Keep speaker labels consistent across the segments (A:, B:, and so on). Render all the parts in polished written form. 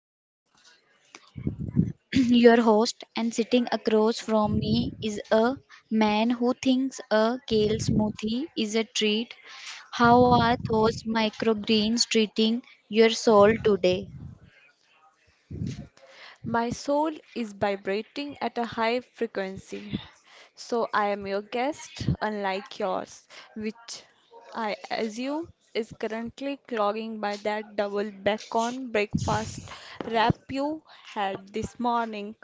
A: I am your host, and sitting across from me is a man who thinks a kale smoothie is a treat. How are those microgreens treating your soul today?
B: My soul is vibrating at a high frequency. So I am your guest, unlike yours, which I assume is currently clogging by that double bacon breakfast wrap you had this morning.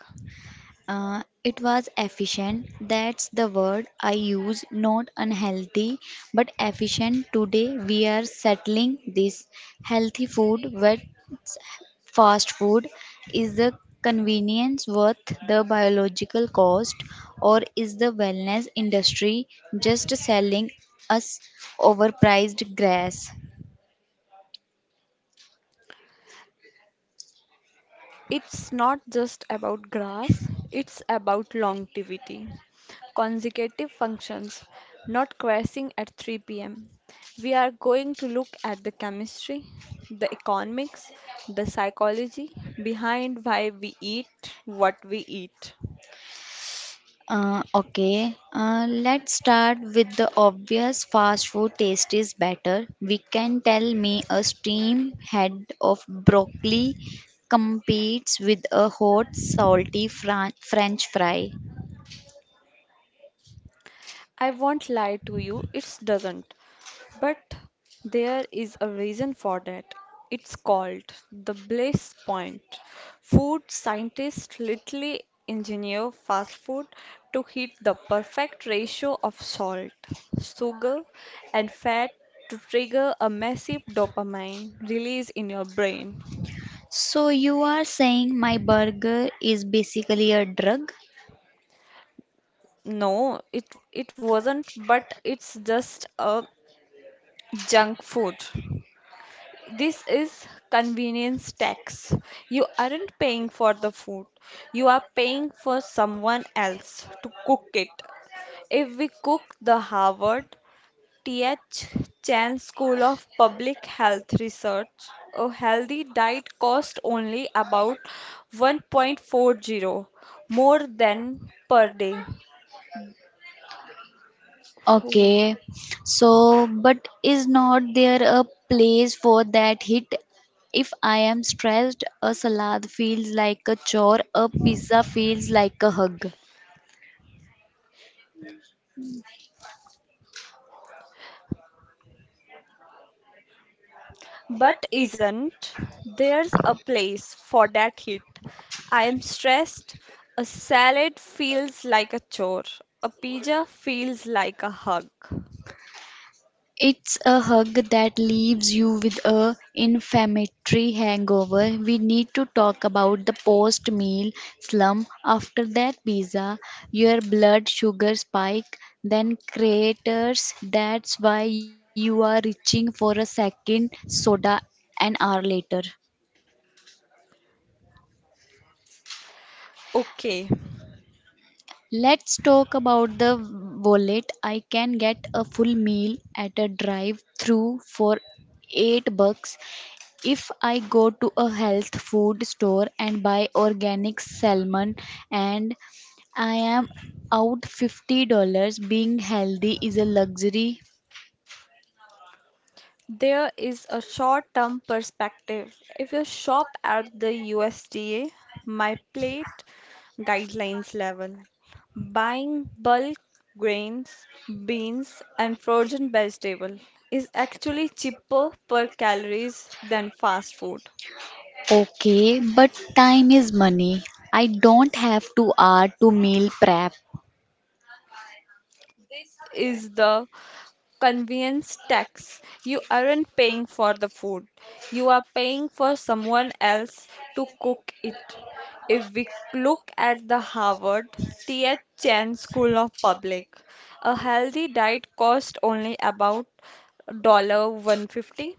A: It was efficient. That's the word I use, not unhealthy, but efficient. Today we are settling this healthy food with fast food. Is the convenience worth the biological cost, or is the wellness industry just selling us overpriced grass?
B: It's not just about grass, it's about longevity. Consecutive functions, not crashing at 3 pm. We are going to look at the chemistry, the economics, the psychology behind why we eat what we eat.
A: Okay, let's start with the obvious fast food taste is better. We can tell me a steam head of broccoli competes with a hot salty french fry.
B: I won't lie to you, it doesn't. But there is a reason for that. It's called the bliss point. Food scientists literally engineer fast food to hit the perfect ratio of salt, sugar, and fat to trigger a massive dopamine release in your brain.
A: So you are saying my burger is basically a drug?
B: No, it wasn't, but it's just a junk food. This is convenience tax. You aren't paying for the food. You are paying for someone else to cook it. If we cook the Harvard T.H. Chan School of Public Health Research, a healthy diet costs only about 1.40 more than per day.
A: Okay. So, but is not there a place for that hit? If I am stressed, a salad feels like a chore, a pizza feels like a hug.
B: But isn't there's a place for that hit? I am stressed. A salad feels like a chore. A pizza feels like a hug.
A: It's a hug that leaves you with a inflammatory hangover. We need to talk about the post-meal slump. After that pizza, your blood sugar spike then craters. That's why you are reaching for a second soda an hour later.
B: Okay.
A: Let's talk about the wallet. I can get a full meal at a drive-through for $8. If I go to a health food store and buy organic salmon and I am out $50, being healthy is a luxury.
B: There is a short-term perspective. If you shop at the USDA, my plate guidelines level, buying bulk grains, beans, and frozen vegetable is actually cheaper per calories than fast food.
A: Okay, but time is money. I don't have to hour to meal prep.
B: Is the convenience tax. You aren't paying for the food, you are paying for someone else to cook it. If we look at the Harvard T.H. Chan School of Public, a healthy diet costs only about $1 one fifty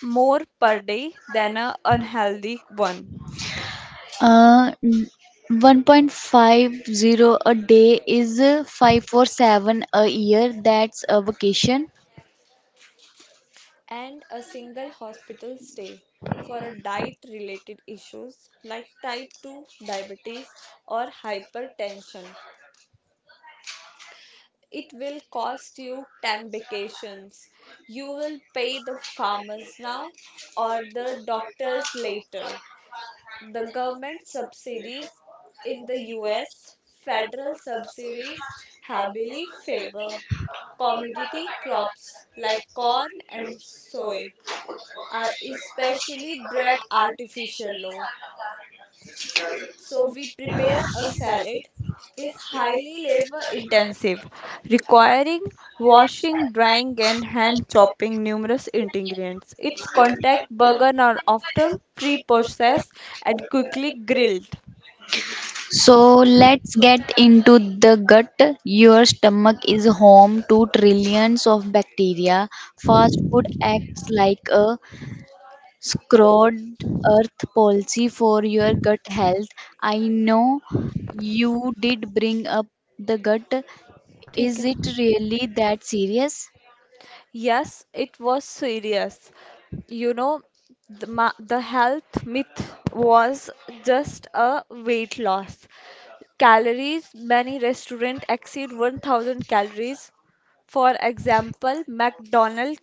B: more per day than an unhealthy one.
A: Uh, n- 1.50 a day is 547 a year. That's a vacation.
B: And a single hospital stay for a diet related issues like type 2 diabetes or hypertension. It will cost you 10 vacations. You will pay the farmers now or the doctors later. The government subsidies in the US, federal subsidies heavily favor commodity crops like corn and soy. Are especially bred artificial low. So we prepared a salad is highly labor intensive, requiring washing, drying and hand chopping numerous ingredients. Its contact burger are often pre-processed and quickly grilled.
A: So let's get into the gut. Your stomach is home to trillions of bacteria. Fast food acts like a scrolled earth policy for your gut health. I know you did bring up the gut. Is
B: ठीक है.
A: it really that serious?
B: Yes, it was serious. You know, the health myth was just a weight loss. Calories Many restaurants exceed 1000 calories. For example, McDonald's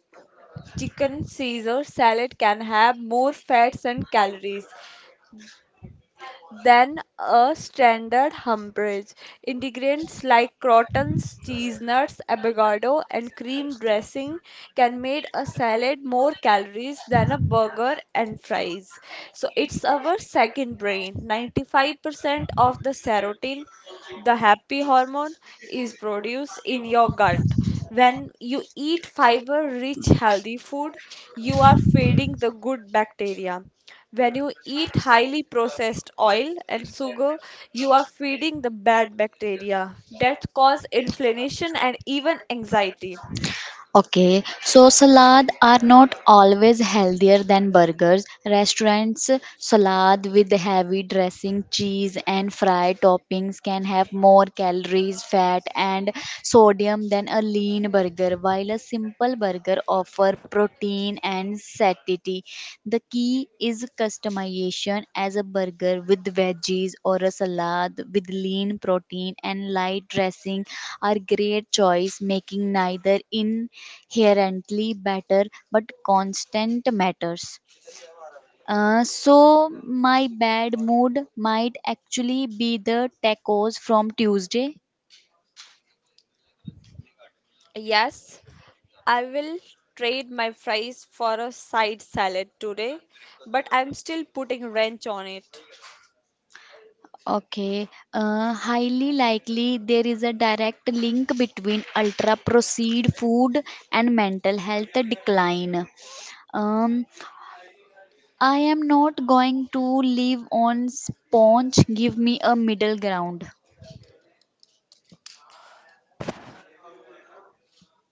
B: chicken Caesar salad can have more fats and calories than a standard Humber's. Ingredients like croutons, cheese nuts, avocado, and cream dressing can make a salad more calories than a burger and fries. So it's our second brain. 95% of the serotonin the happy hormone is produced in your gut. When you eat fiber rich healthy food, you are feeding the good bacteria. When you eat highly processed oil and sugar, you are feeding the bad bacteria that cause inflammation and even anxiety.
A: Okay, so salad are not always healthier than burgers. Restaurants salad with heavy dressing, cheese, and fried toppings can have more calories, fat, and sodium than a lean burger, while a simple burger offer protein Protein and satiety. The key is customization as a burger with veggies or a salad with lean protein and light dressing are great choice making neither inherently better but constant matters. So my bad mood might actually be the tacos from Tuesday.
B: Yes, I will trade my fries for a side salad today, but I'm still putting wrench on it.
A: Okay. Highly likely there is a direct link between ultra processed food and mental health decline. Um, I am not going to live on sponge. Give me a middle ground.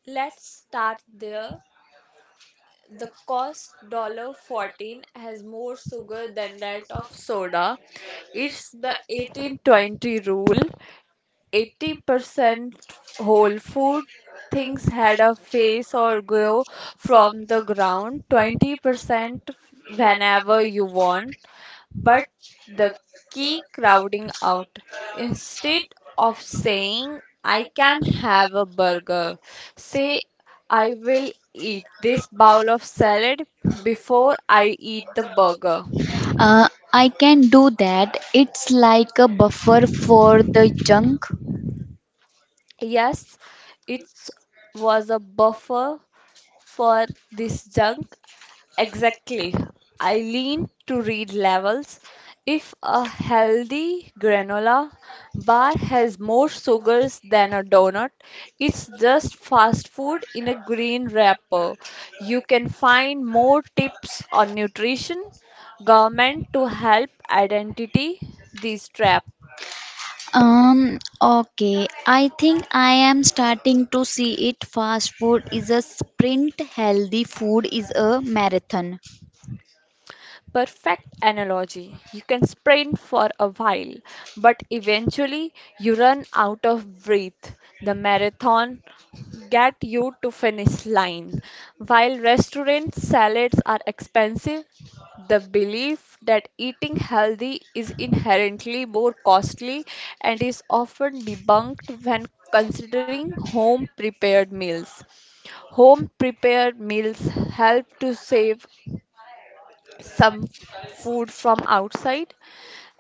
B: Let's start there. The cost 14 has more sugar than that of soda. It's the eighteen twenty rule. 80% whole food. Things had a face or grow from the ground. 20% whenever you want. But the key crowding out. Instead of saying, I can have a burger, say, I will eat this bowl of salad before I eat the burger.
A: I can do that. It's like a buffer for the junk.
B: Yes, it was a buffer for this junk. Exactly. I lean to read levels. If a healthy granola bar has more sugars than a donut, it's just fast food in a green wrapper. You can find more tips on nutrition, government to help identity these traps.
A: Okay. I think I am starting to see it. Fast food is a sprint, healthy food is a marathon.
B: Perfect analogy. You can sprint for a while, but eventually you run out of breath. The marathon get you to finish line. While restaurant salads are expensive, the belief that eating healthy is inherently more costly and is often debunked when considering home prepared meals. Home prepared meals help to save some food from outside,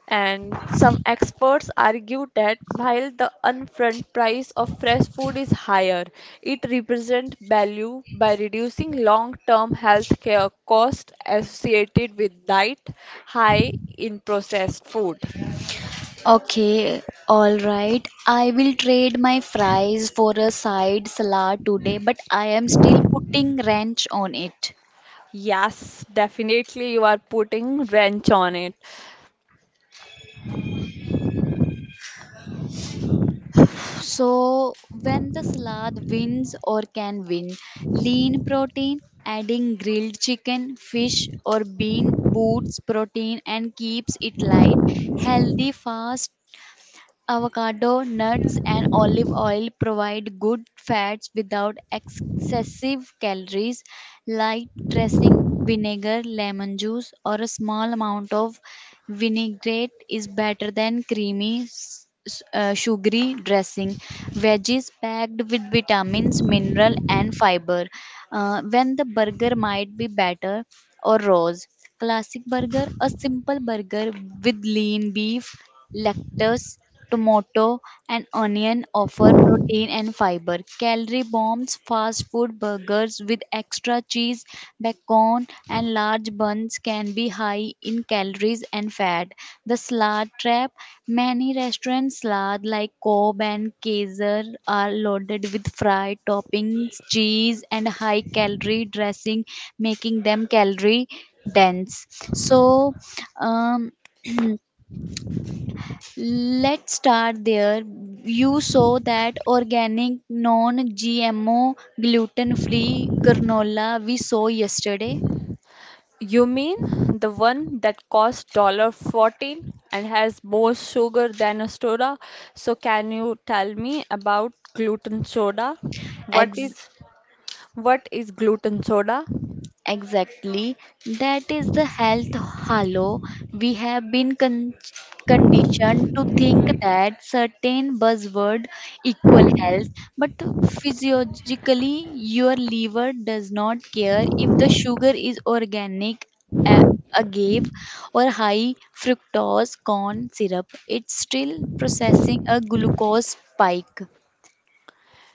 B: and some experts argue that while the upfront price of fresh food is higher, it represents value by reducing long-term health care costs associated with diet high in processed food.
A: Okay, all right. I will trade my fries for a side salad today, but I am still putting ranch on it.
B: Yes, definitely you are putting wrench on it.
A: So, when the salad wins or can win, lean protein, adding grilled chicken, fish, or bean boosts protein and keeps it light, healthy, fast, Avocado, nuts, and olive oil provide good fats without excessive calories. Light dressing, vinegar, lemon juice, or a small amount of vinaigrette is better than creamy, sugary dressing. Veggies packed with vitamins, mineral, and fiber. When the burger might be better or rose. Classic burger, a simple burger with lean beef, lettuce Tomato and onion offer protein and fiber. Calorie bombs, fast food burgers with extra cheese, bacon, and large buns can be high in calories and fat. The salad trap many restaurant salad like Cobb and Kaiser are loaded with fried toppings, cheese, and high calorie dressing, making them calorie dense. So, um, let's start there. You saw that organic, non GMO, gluten free granola we saw yesterday.
B: You mean the one that costs dollar 14 and has more sugar than a soda? So can you tell me about gluten soda? What
A: Ex-
B: is what is gluten soda?
A: Exactly. That is the health halo. We have been conditioned to think that certain buzzword equal health, but physiologically, your liver does not care if the sugar is organic, a- agave, or high fructose corn syrup. It's still processing a glucose spike.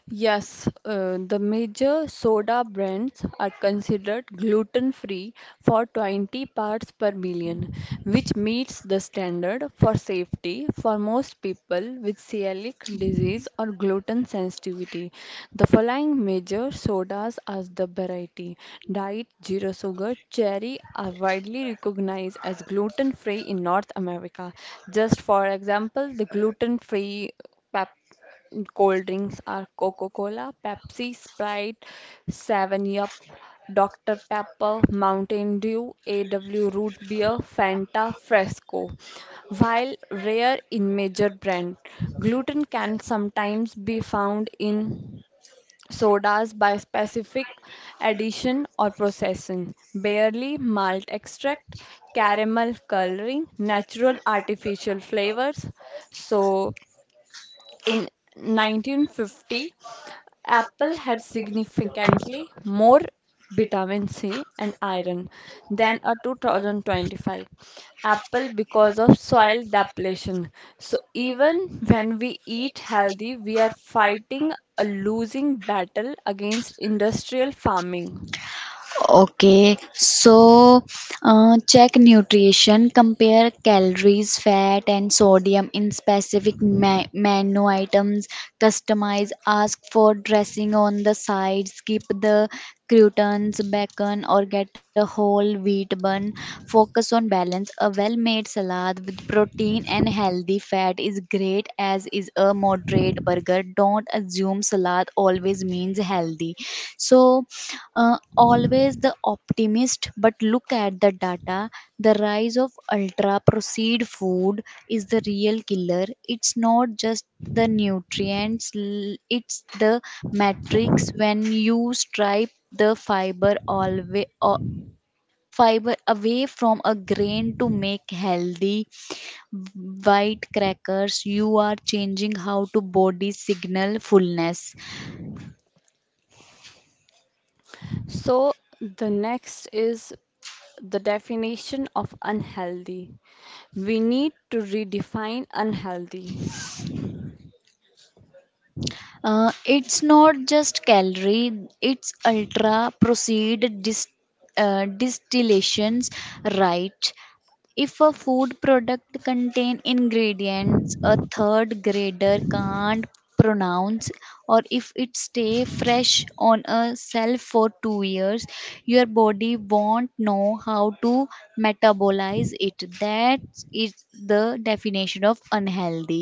B: Yes, the major soda brands are considered gluten-free for 20 parts per million, which meets the standard for safety for most people with celiac disease or gluten sensitivity. The following major sodas as the variety. Diet Zero Sugar Cherry are widely recognized as gluten-free in North America. Just for example, the gluten-free Cold drinks are Coca Cola, Pepsi, Sprite, 7 Up, Dr Pepper, Mountain Dew, AW Root Beer, Fanta, Fresco. While rare in major brand, gluten can sometimes be found in sodas by specific addition or processing. Barley, malt extract, caramel coloring, natural artificial flavors. So in 1950, apple had significantly more vitamin C and iron than a 2025 apple because of soil depletion. So even when we eat healthy, we are fighting a losing battle against industrial farming.
A: Okay, so check nutrition, compare calories, fat, and sodium in specific menu items, customize, ask for dressing on the side, skip the croutons, bacon, or get a whole wheat bun. Focus on balance. A well made salad with protein and healthy fat is great as is a moderate burger. Don't assume salad always means healthy. So, uh, always the optimist, but look at the data. The rise of ultra processed food is the real killer. It's not just the nutrients, it's the matrix when you stripe the fiber always fiber away from a grain to make healthy white crackers you are changing how to body signal fullness.
B: So the next is the definition of unhealthy. We need to redefine unhealthy.
A: It's not just calorie, it's ultra proceed distillations, right. If a food product contain ingredients a third grader can't pronounce or if it stay fresh on a shelf for 2 years your body won't know how to metabolize it, that is the definition of unhealthy.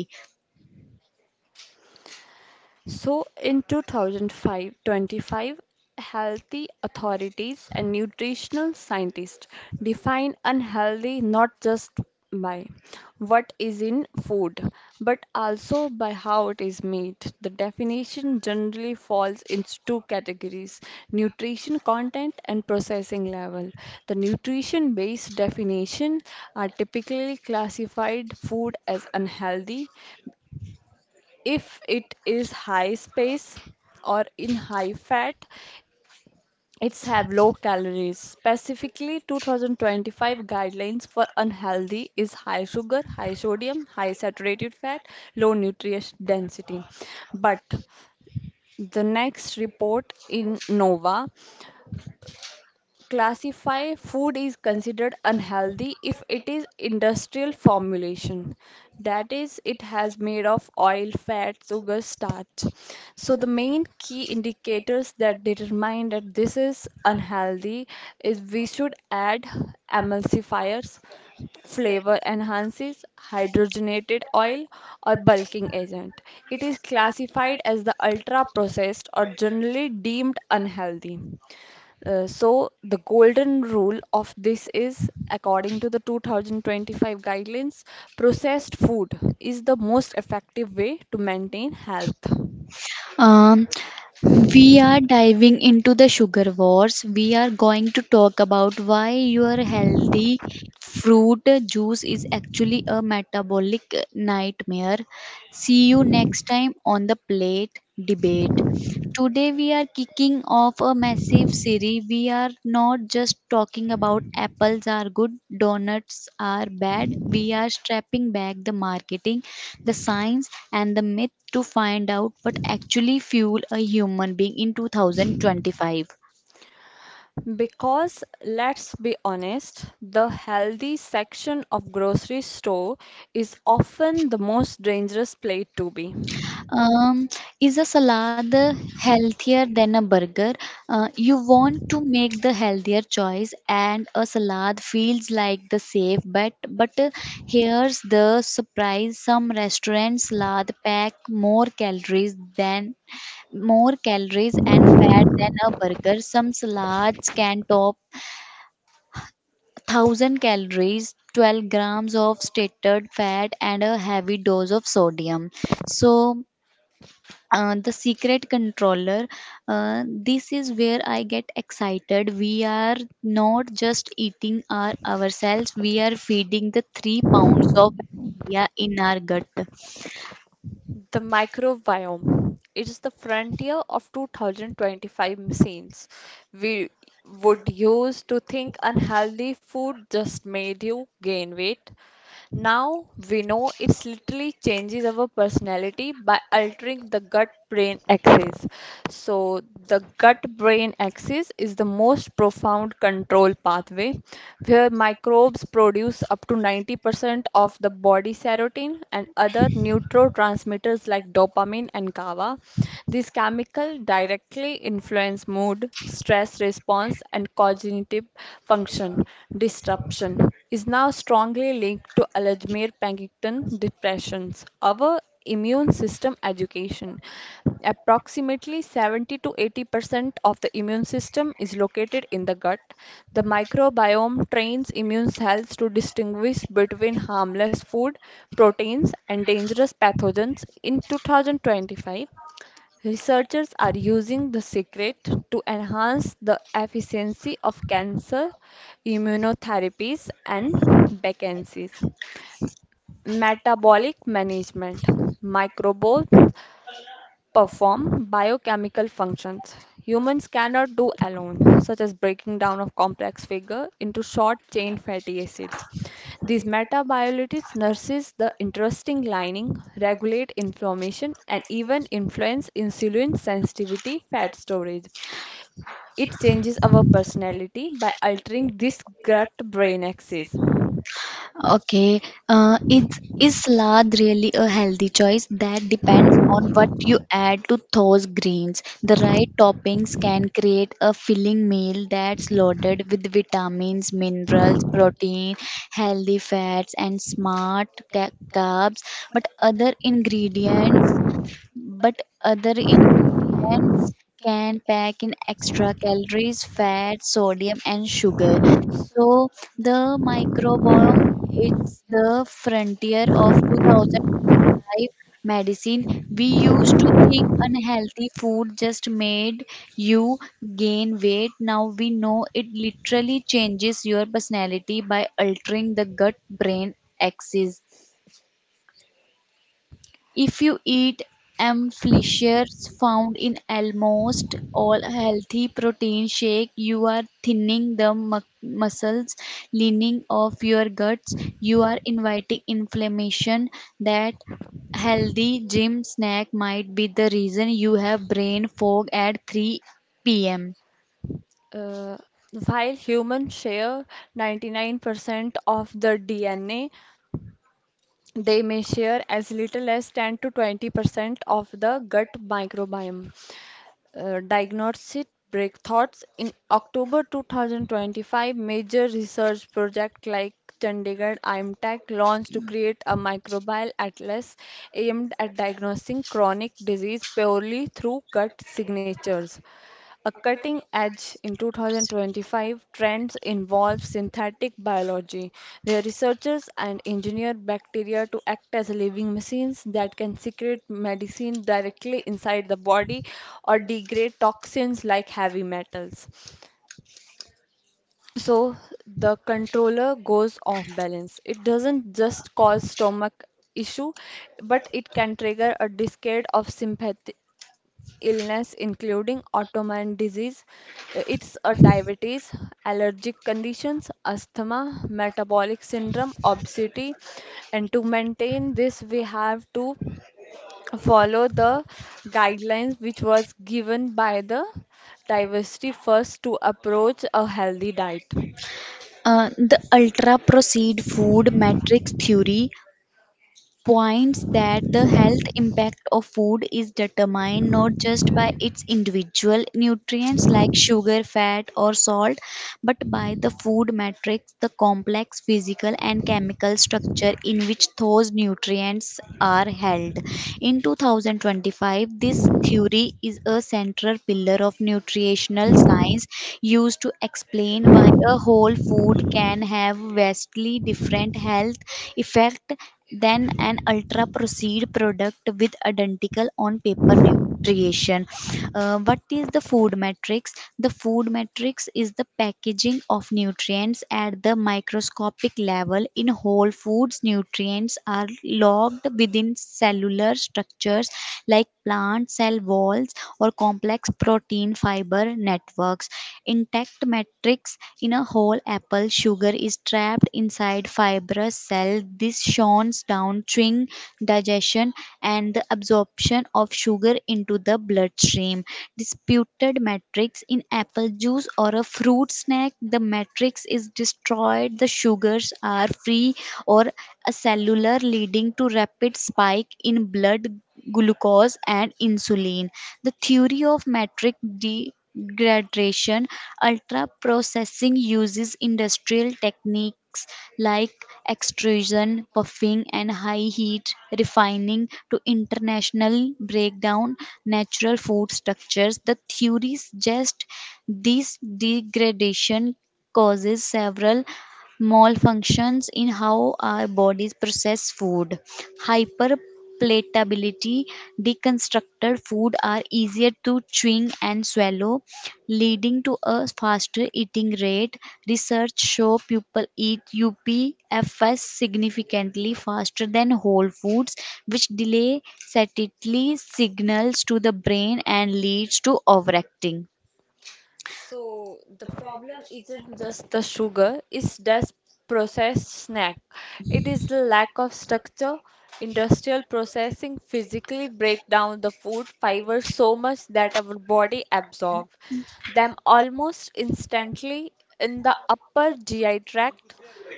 B: So in 2005 healthy authorities and nutritional scientists define unhealthy not just by what is in food, but also by how it is made. The definition generally falls into two categories nutrition content and processing level. The nutrition based definition are typically classified food as unhealthy, if it is high space or in high fat, it's have low calories. Specifically, 2025 guidelines for unhealthy is high sugar, high sodium, high saturated fat, low nutrient density. But the next report in NOVA classify food is considered unhealthy if it is industrial formulation that is it has made of oil fat sugar starch so the main key indicators that determine that this is unhealthy is we should add emulsifiers flavor enhances hydrogenated oil or bulking agent it is classified as the ultra processed or generally deemed unhealthy. So the golden rule of this is according to the 2025 guidelines processed food is the most effective way to maintain health
A: um We are diving into the sugar wars. We are going to talk about why your healthy fruit juice is actually a metabolic nightmare. See you next time on the plate debate. Today we are kicking off a massive series. We are not just talking about apples are good, donuts are bad. We are strapping back the marketing, the science, and the myth to find out what actually fuel a human being in 2025.
B: because let's be honest the healthy section of grocery store is often the most dangerous place to be.
A: Um, is a salad healthier than a burger? You want to make the healthier choice, and a salad feels like the safe bet. But here's the surprise: some restaurants salad pack more calories and fat than a burger. Some salads can top thousand calories. 12 grams of stated fat and a heavy dose of sodium. So, the secret controller this is where I get excited we are not just eating ourselves, we are feeding the 3 pounds of bacteria in our gut.
B: The microbiome. It is the frontier of 2025 machines we would use to think unhealthy food just made you gain weight. Now we know it's literally changes our personality by altering the gut brain axis. So, the gut brain axis is the most profound control pathway where microbes produce up to 90% of the body serotonin and other neurotransmitters like dopamine and GABA. These chemicals directly influence mood, stress response, and cognitive function disruption is now strongly linked to Alzheimer's, Parkinson's, depressions. Our immune system education. Approximately 70 to 80% of the immune system is located in the gut. The microbiome trains immune cells to distinguish between harmless food, proteins, and dangerous pathogens. In 2025, researchers are using the secret to enhance the efficiency of cancer immunotherapies and vaccines, metabolic management, microbial perform biochemical functions humans cannot do alone, such as breaking down of complex figure into short-chain fatty acids. These metabiologists nurses the interesting lining, regulate inflammation, and even influence insulin sensitivity fat storage. It changes our personality by altering this gut-brain axis.
A: Okay, uh, is is salad really a healthy choice? That depends on what you add to those greens. The right toppings can create a filling meal that's loaded with vitamins, minerals, protein, healthy fats, and smart carbs. But other ingredients but other ingredients can pack in extra calories, fat, sodium, and sugar. So the microbiome it's the frontier of 2005 medicine. We used to think unhealthy food just made you gain weight. Now we know it literally changes your personality by altering the gut brain axis. If you eat amphinoxyans found in almost all healthy protein shake, you are thinning the muscles lining of your guts. You are inviting inflammation that healthy gym snack might be the reason you have brain fog at 3 p.m.
B: Uh, while humans share 99% of the DNA, they may share as little as 10 to 20% of the gut microbiome. Diagnostic breakthroughs in October 2025, major research project like Chandigarh IMTech launched to create a microbial atlas aimed at diagnosing chronic disease purely through gut signatures. A cutting edge in 2025 trends involves synthetic biology, where researchers and engineer bacteria to act as living machines that can secrete medicine directly inside the body or degrade toxins like heavy metals. So the controller goes off balance. It doesn't just cause stomach issue, but it can trigger a cascade of illness, including autoimmune disease. It's a diabetes, allergic conditions, asthma, metabolic syndrome, obesity. And to maintain this, we have to follow the guidelines which was given by the diversity first to approach a healthy diet.
A: The ultra processed food matrix theory points that the health impact of food is determined not just by its individual nutrients like sugar, fat, or salt, but by the food matrix, the complex physical and chemical structure in which those nutrients are held. In 2025, this theory is a central pillar of nutritional science used to explain why a whole food can have vastly different health effect than an ultra processed product with identical on paper nutrition. What is the food matrix? The food matrix is the packaging of nutrients at the microscopic level. In whole foods, nutrients are locked within cellular structures like plant cell walls or complex protein fiber networks. Intact matrix in a whole apple sugar is trapped inside fibrous cell. This shons down chewing digestion and the absorption of sugar into the bloodstream. Disputed matrix in apple juice or a fruit snack, the matrix is destroyed. The sugars are free or a cellular leading to rapid spike in blood glucose and insulin. The theory of metric degradation, ultra processing uses industrial techniques like extrusion, puffing, and high heat refining to international breakdown natural food structures. The theory suggests this degradation causes several malfunctions in how our bodies process food. Hyperpalatability, deconstructed food are easier to chewing and swallow, leading to a faster eating rate. Research show people eat UPFS significantly faster than whole foods, which delay satiety signals to the brain and leads to overacting.
B: So the problem isn't just the sugar, it's just processed snack. It is the lack of structure. Industrial processing physically break down the food fibers so much that our body absorbs them almost instantly in the upper GI tract,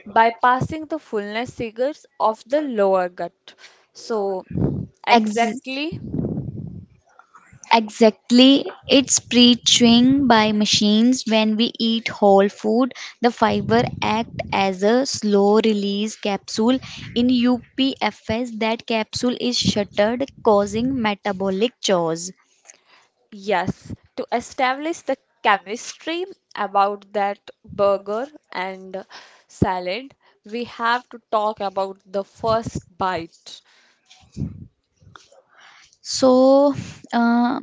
B: bypassing the fullness figures of the lower gut. So
A: Ex-
B: exactly.
A: Exactly, it's pre chewing by machines. When we eat whole food, the fiber act as a slow release capsule. In UPFS, that capsule is shuttered, causing metabolic chores.
B: Yes, to establish the chemistry about that burger and salad, we have to talk about the first bite.
A: So, uh,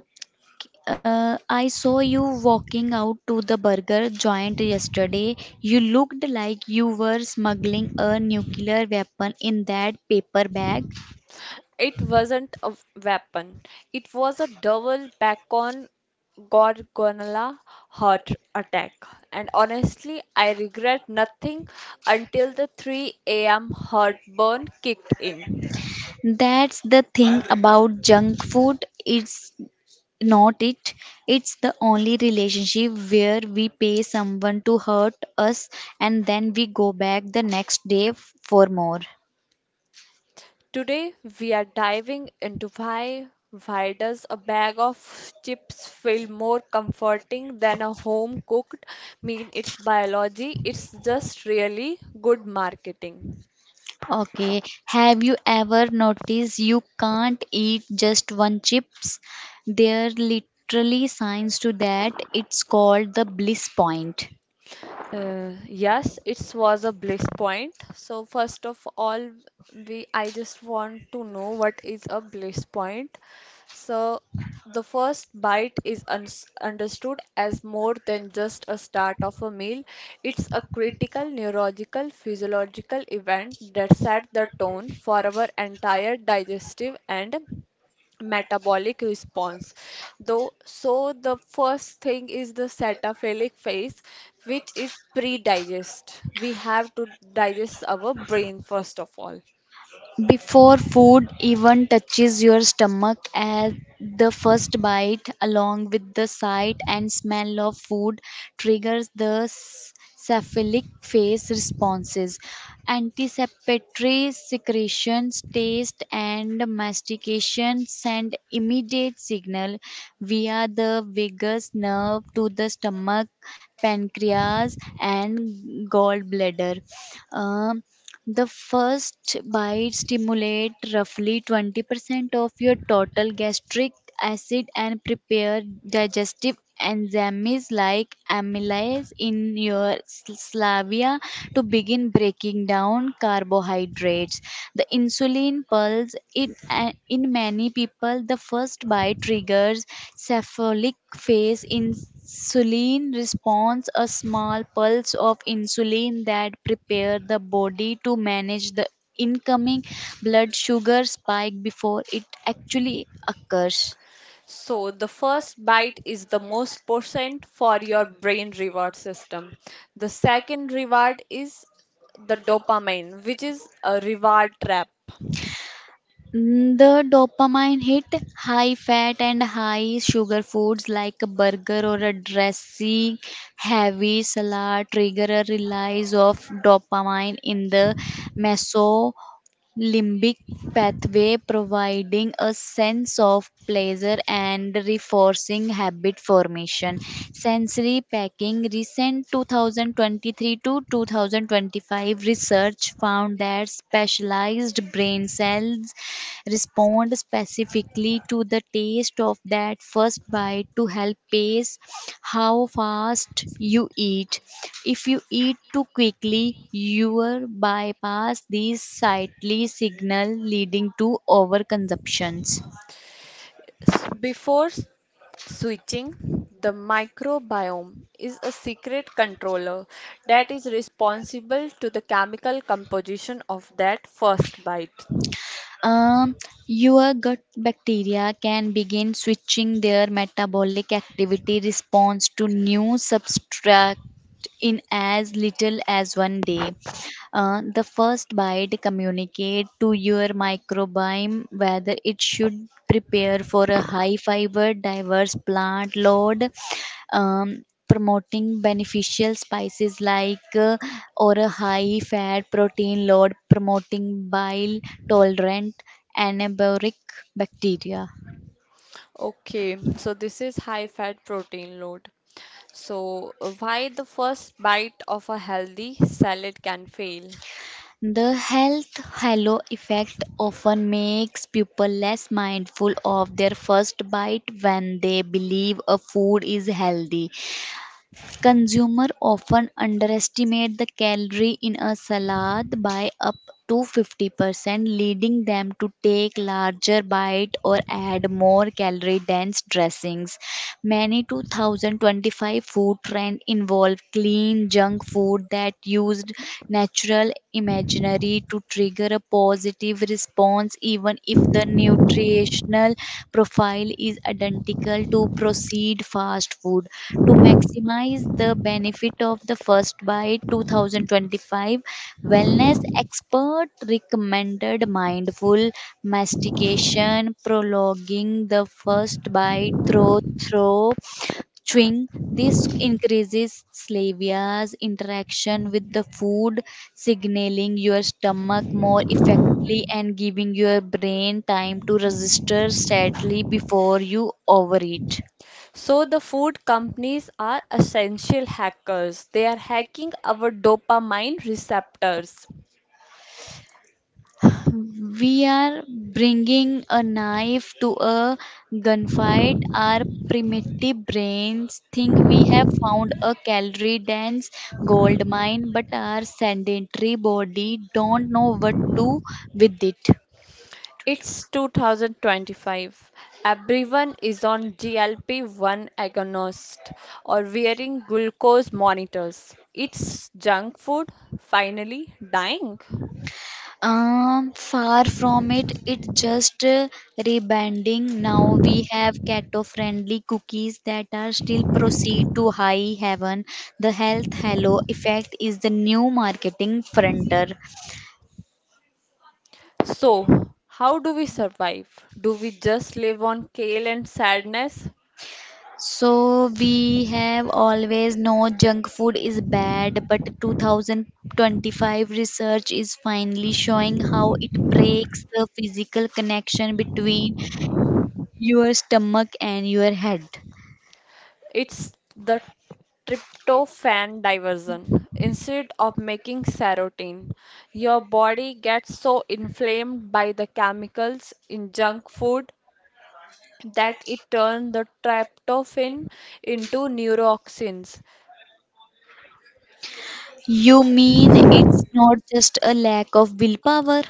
A: I saw you walking out to the burger joint yesterday. You looked like you were smuggling a nuclear weapon in that paper bag.
B: It wasn't a weapon, it was a double bacon gorgonzola heart attack. And honestly, I regret nothing until the 3 a.m. heartburn kicked in.
A: That's the thing about junk food. It's not it. It's the only relationship where we pay someone to hurt us and then we go back the next day for more.
B: Today, we are diving into why does a bag of chips feel more comforting than a home cooked meal? It's biology, it's just really good marketing.
A: Okay, have you ever noticed you can't eat just one chips? There are literally signs to that. It's called the bliss point.
B: Yes, it was a bliss point. So first of all, we I just want to know what is a bliss point. So the first bite is uns understood as more than just a start of a meal. It's a critical neurological physiological event that set the tone for our entire digestive and metabolic response. Though, so the first thing is the cetaphilic phase, which is pre-digest. We have to digest our brain first of all.
A: Before food even touches your stomach, at the first bite, along with the sight and smell of food, triggers the cephalic phase responses. Anticipatory secretions, taste, and mastication send immediate signal via the vagus nerve to the stomach, pancreas, and gallbladder. Um, the first bite stimulates roughly 20% of your total gastric acid and prepare digestive enzymes like amylase in your slavia to begin breaking down carbohydrates. The insulin pulse in, in many people, the first bite triggers cephalic phase in insulin response, a small pulse of insulin that prepare the body to manage the incoming blood sugar spike before it actually occurs.
B: So the first bite is the most important for your brain reward system. The second reward is the dopamine, which is a reward trap.
A: The dopamine hit, high fat and high sugar foods like a burger or a dressing, heavy salad trigger a release of dopamine in the limbic pathway, providing a sense of pleasure and reinforcing habit formation. Sensory packing recent 2023 to 2025 research found that specialized brain cells respond specifically to the taste of that first bite to help pace how fast you eat. If you eat too quickly, you will bypass these sightly signal, leading to overconsumptions.
B: Before switching, the microbiome is a secret controller that is responsible to the chemical composition of that first bite.
A: Um, your gut bacteria can begin switching their metabolic activity response to new substrate in as little as 1 day. The first bite communicate to your microbiome whether it should prepare for a high fiber diverse plant load, promoting beneficial spices like or a high fat protein load, promoting bile tolerant anabolic bacteria.
B: Okay, so this is high fat protein load. So, why the first bite of a healthy salad can fail?
A: The health halo effect often makes people less mindful of their first bite when they believe a food is healthy. Consumers often underestimate the calorie in a salad by up to 50%, leading them to take larger bites or add more calorie-dense dressings. Many 2025 food trends involve clean junk food that used natural imaginary to trigger a pause positive response even if the nutritional profile is identical to proceed fast food. To maximize the benefit of the first bite 2025, wellness expert recommended mindful mastication, prolonging the first bite through chewing. This increases saliva's interaction with the food, signaling your stomach more effectively and giving your brain time to register sadly before you overeat.
B: So, the food companies are essential hackers. They are hacking our dopamine receptors.
A: We are bringing a knife to a gunfight. Our primitive brains think we have found a calorie dense gold mine, but our sedentary body don't know what to do with it.
B: It's 2025. Everyone is on GLP 1 agonist or wearing glucose monitors. It's junk food finally dying.
A: Far from it, it's just rebranding. Now we have keto friendly cookies that are still proceed to high heaven. The health halo effect is the new marketing frontier.
B: So, how do we survive? Do we just live on kale and sadness?
A: So we have always no junk food is bad, but 2025 research is finally showing how it breaks the physical connection between your stomach and your head.
B: It's the tryptophan diversion. Instead of making serotonin, your body gets so inflamed by the chemicals in junk food that it turned the tryptophan into neurotoxins.
A: You mean it's not just a lack of willpower?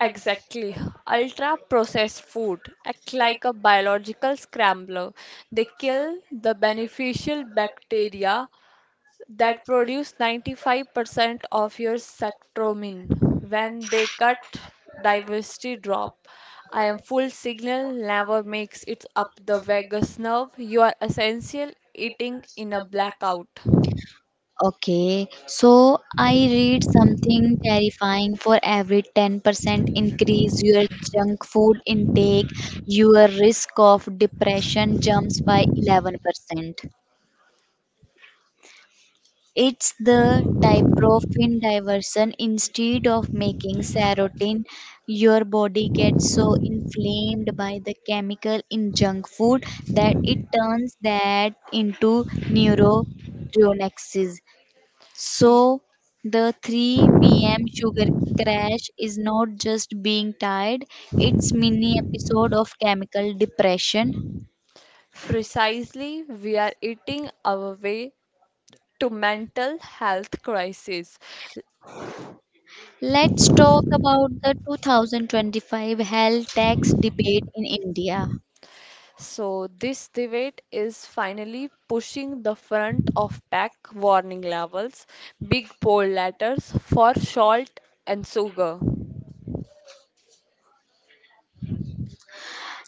B: Exactly. Ultra processed food act like a biological scrambler. They kill the beneficial bacteria that produce 95% of your serotonin when they cut diversity drop. I am full signal never makes it up the vagus nerve. You are essential eating in a blackout.
A: Okay, so I read something terrifying, for every 10% increase your junk food intake, your risk of depression jumps by 11%. It's the tryptophan diversion. Instead of making serotonin, your body gets so inflamed by the chemical in junk food that it turns that into neurotoxins. So the 3 p.m. sugar crash is not just being tired, it's mini episode of chemical depression.
B: Precisely, we are eating our way to mental health crisis.
A: Let's talk about the 2025 health tax debate in India.
B: So this debate is finally pushing the front of pack warning labels, big bold letters for salt and sugar.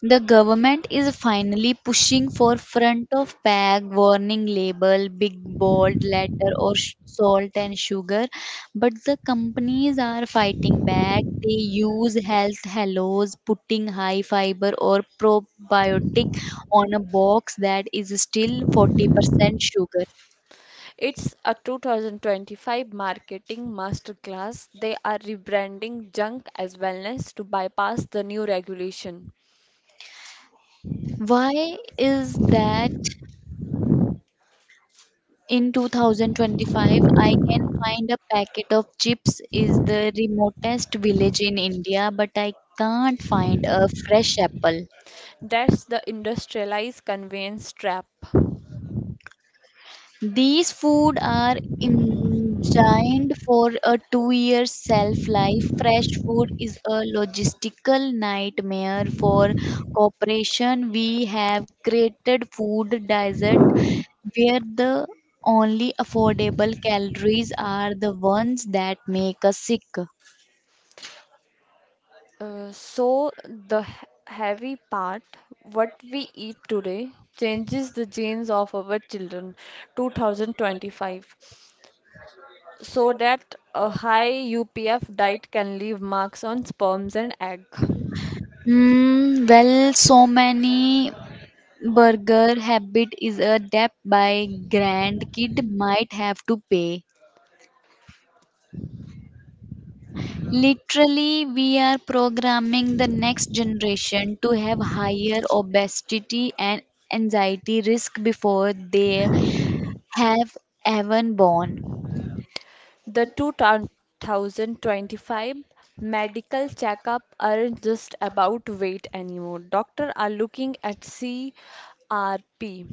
A: The government is finally pushing for front of pack warning label, big bold letter or salt and sugar, but the companies are fighting back. They use health hellos, putting high fiber or probiotic on a box that is still 40% sugar.
B: It's a 2025 marketing masterclass. They are rebranding junk as wellness to bypass the new regulation.
A: Why is that? In 2025, I can find a packet of chips is the remotest village in India, but I can't find a fresh apple.
B: That's the industrialized conveyance trap.
A: These food are engined for a 2-year shelf life. Fresh food is a logistical nightmare for corporation. We have created food desert where the only affordable calories are the ones that make us sick.
B: So the heavy part, what we eat today, changes the genes of our children 2025 so that a high UPF diet can leave marks on sperms and egg.
A: Mm, well, so many burger habit is a debt by grandkid might have to pay. Literally, we are programming the next generation to have higher obesity and anxiety risk before they have even born.
B: The 2025 medical checkup aren't just about weight anymore. Doctors are looking at CRP,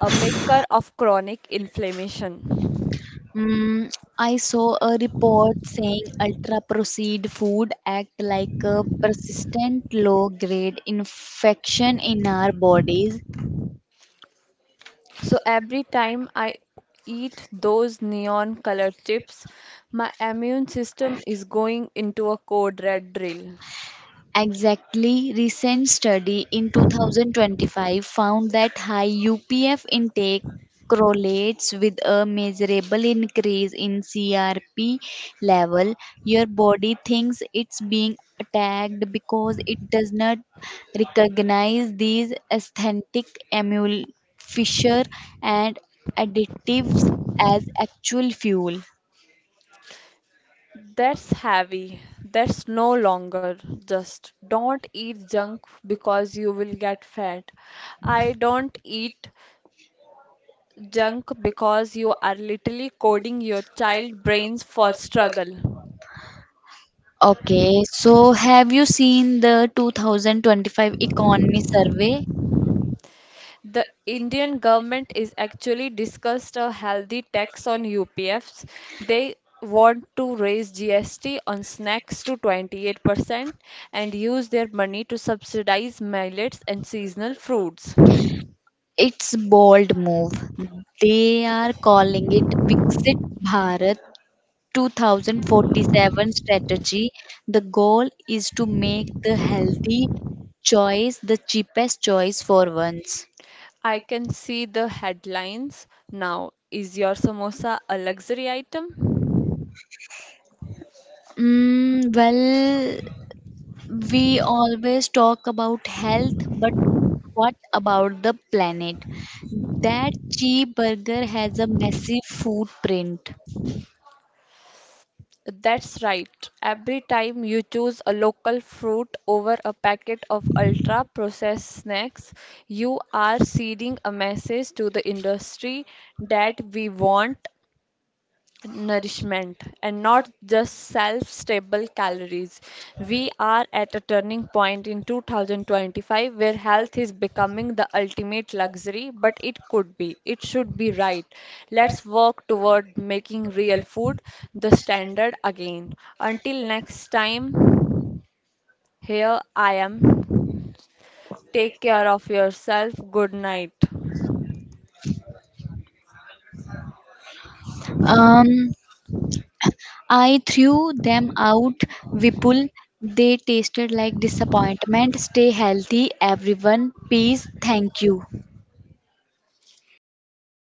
B: a maker of chronic inflammation.
A: Mm, I saw a report saying ultra processed food act like a persistent low grade infection in our bodies.
B: So every time I eat those neon colored chips, my immune system is going into a code red drill.
A: Exactly, recent study in 2025 found that high UPF intake correlates with a measurable increase in CRP level. Your body thinks it's being attacked because it does not recognize these aesthetic emul- fissure and additives as actual fuel.
B: That's heavy. That's no longer just don't eat junk because you will get fat. I don't eat junk because you are literally coding your child brains for struggle.
A: Okay, so have you seen the 2025 economy survey?
B: The Indian government is actually discussed a healthy tax on UPFs. They want to raise GST on snacks to 28% and use their money to subsidize millets and seasonal fruits.
A: It's bold move. They are calling it Exit Bharat 2047 strategy. The goal is to make the healthy choice the cheapest choice for once.
B: I can see the headlines now. Is your samosa a luxury item?
A: Mm, well, we always talk about health, but what about the planet? That cheeseburger has a massive footprint.
B: That's right. Every time you choose a local fruit over a packet of ultra processed snacks, you are sending a message to the industry that we want nourishment and not just self-stable calories. We are at a turning point in 2025 where health is becoming the ultimate luxury, but it could be, it should be right. Let's work toward making real food the standard again. Until next time, here I am. Take care of yourself. Good night.
A: Um, I threw them out, Vipul. They tasted like disappointment. Stay healthy, everyone. Peace. Thank you.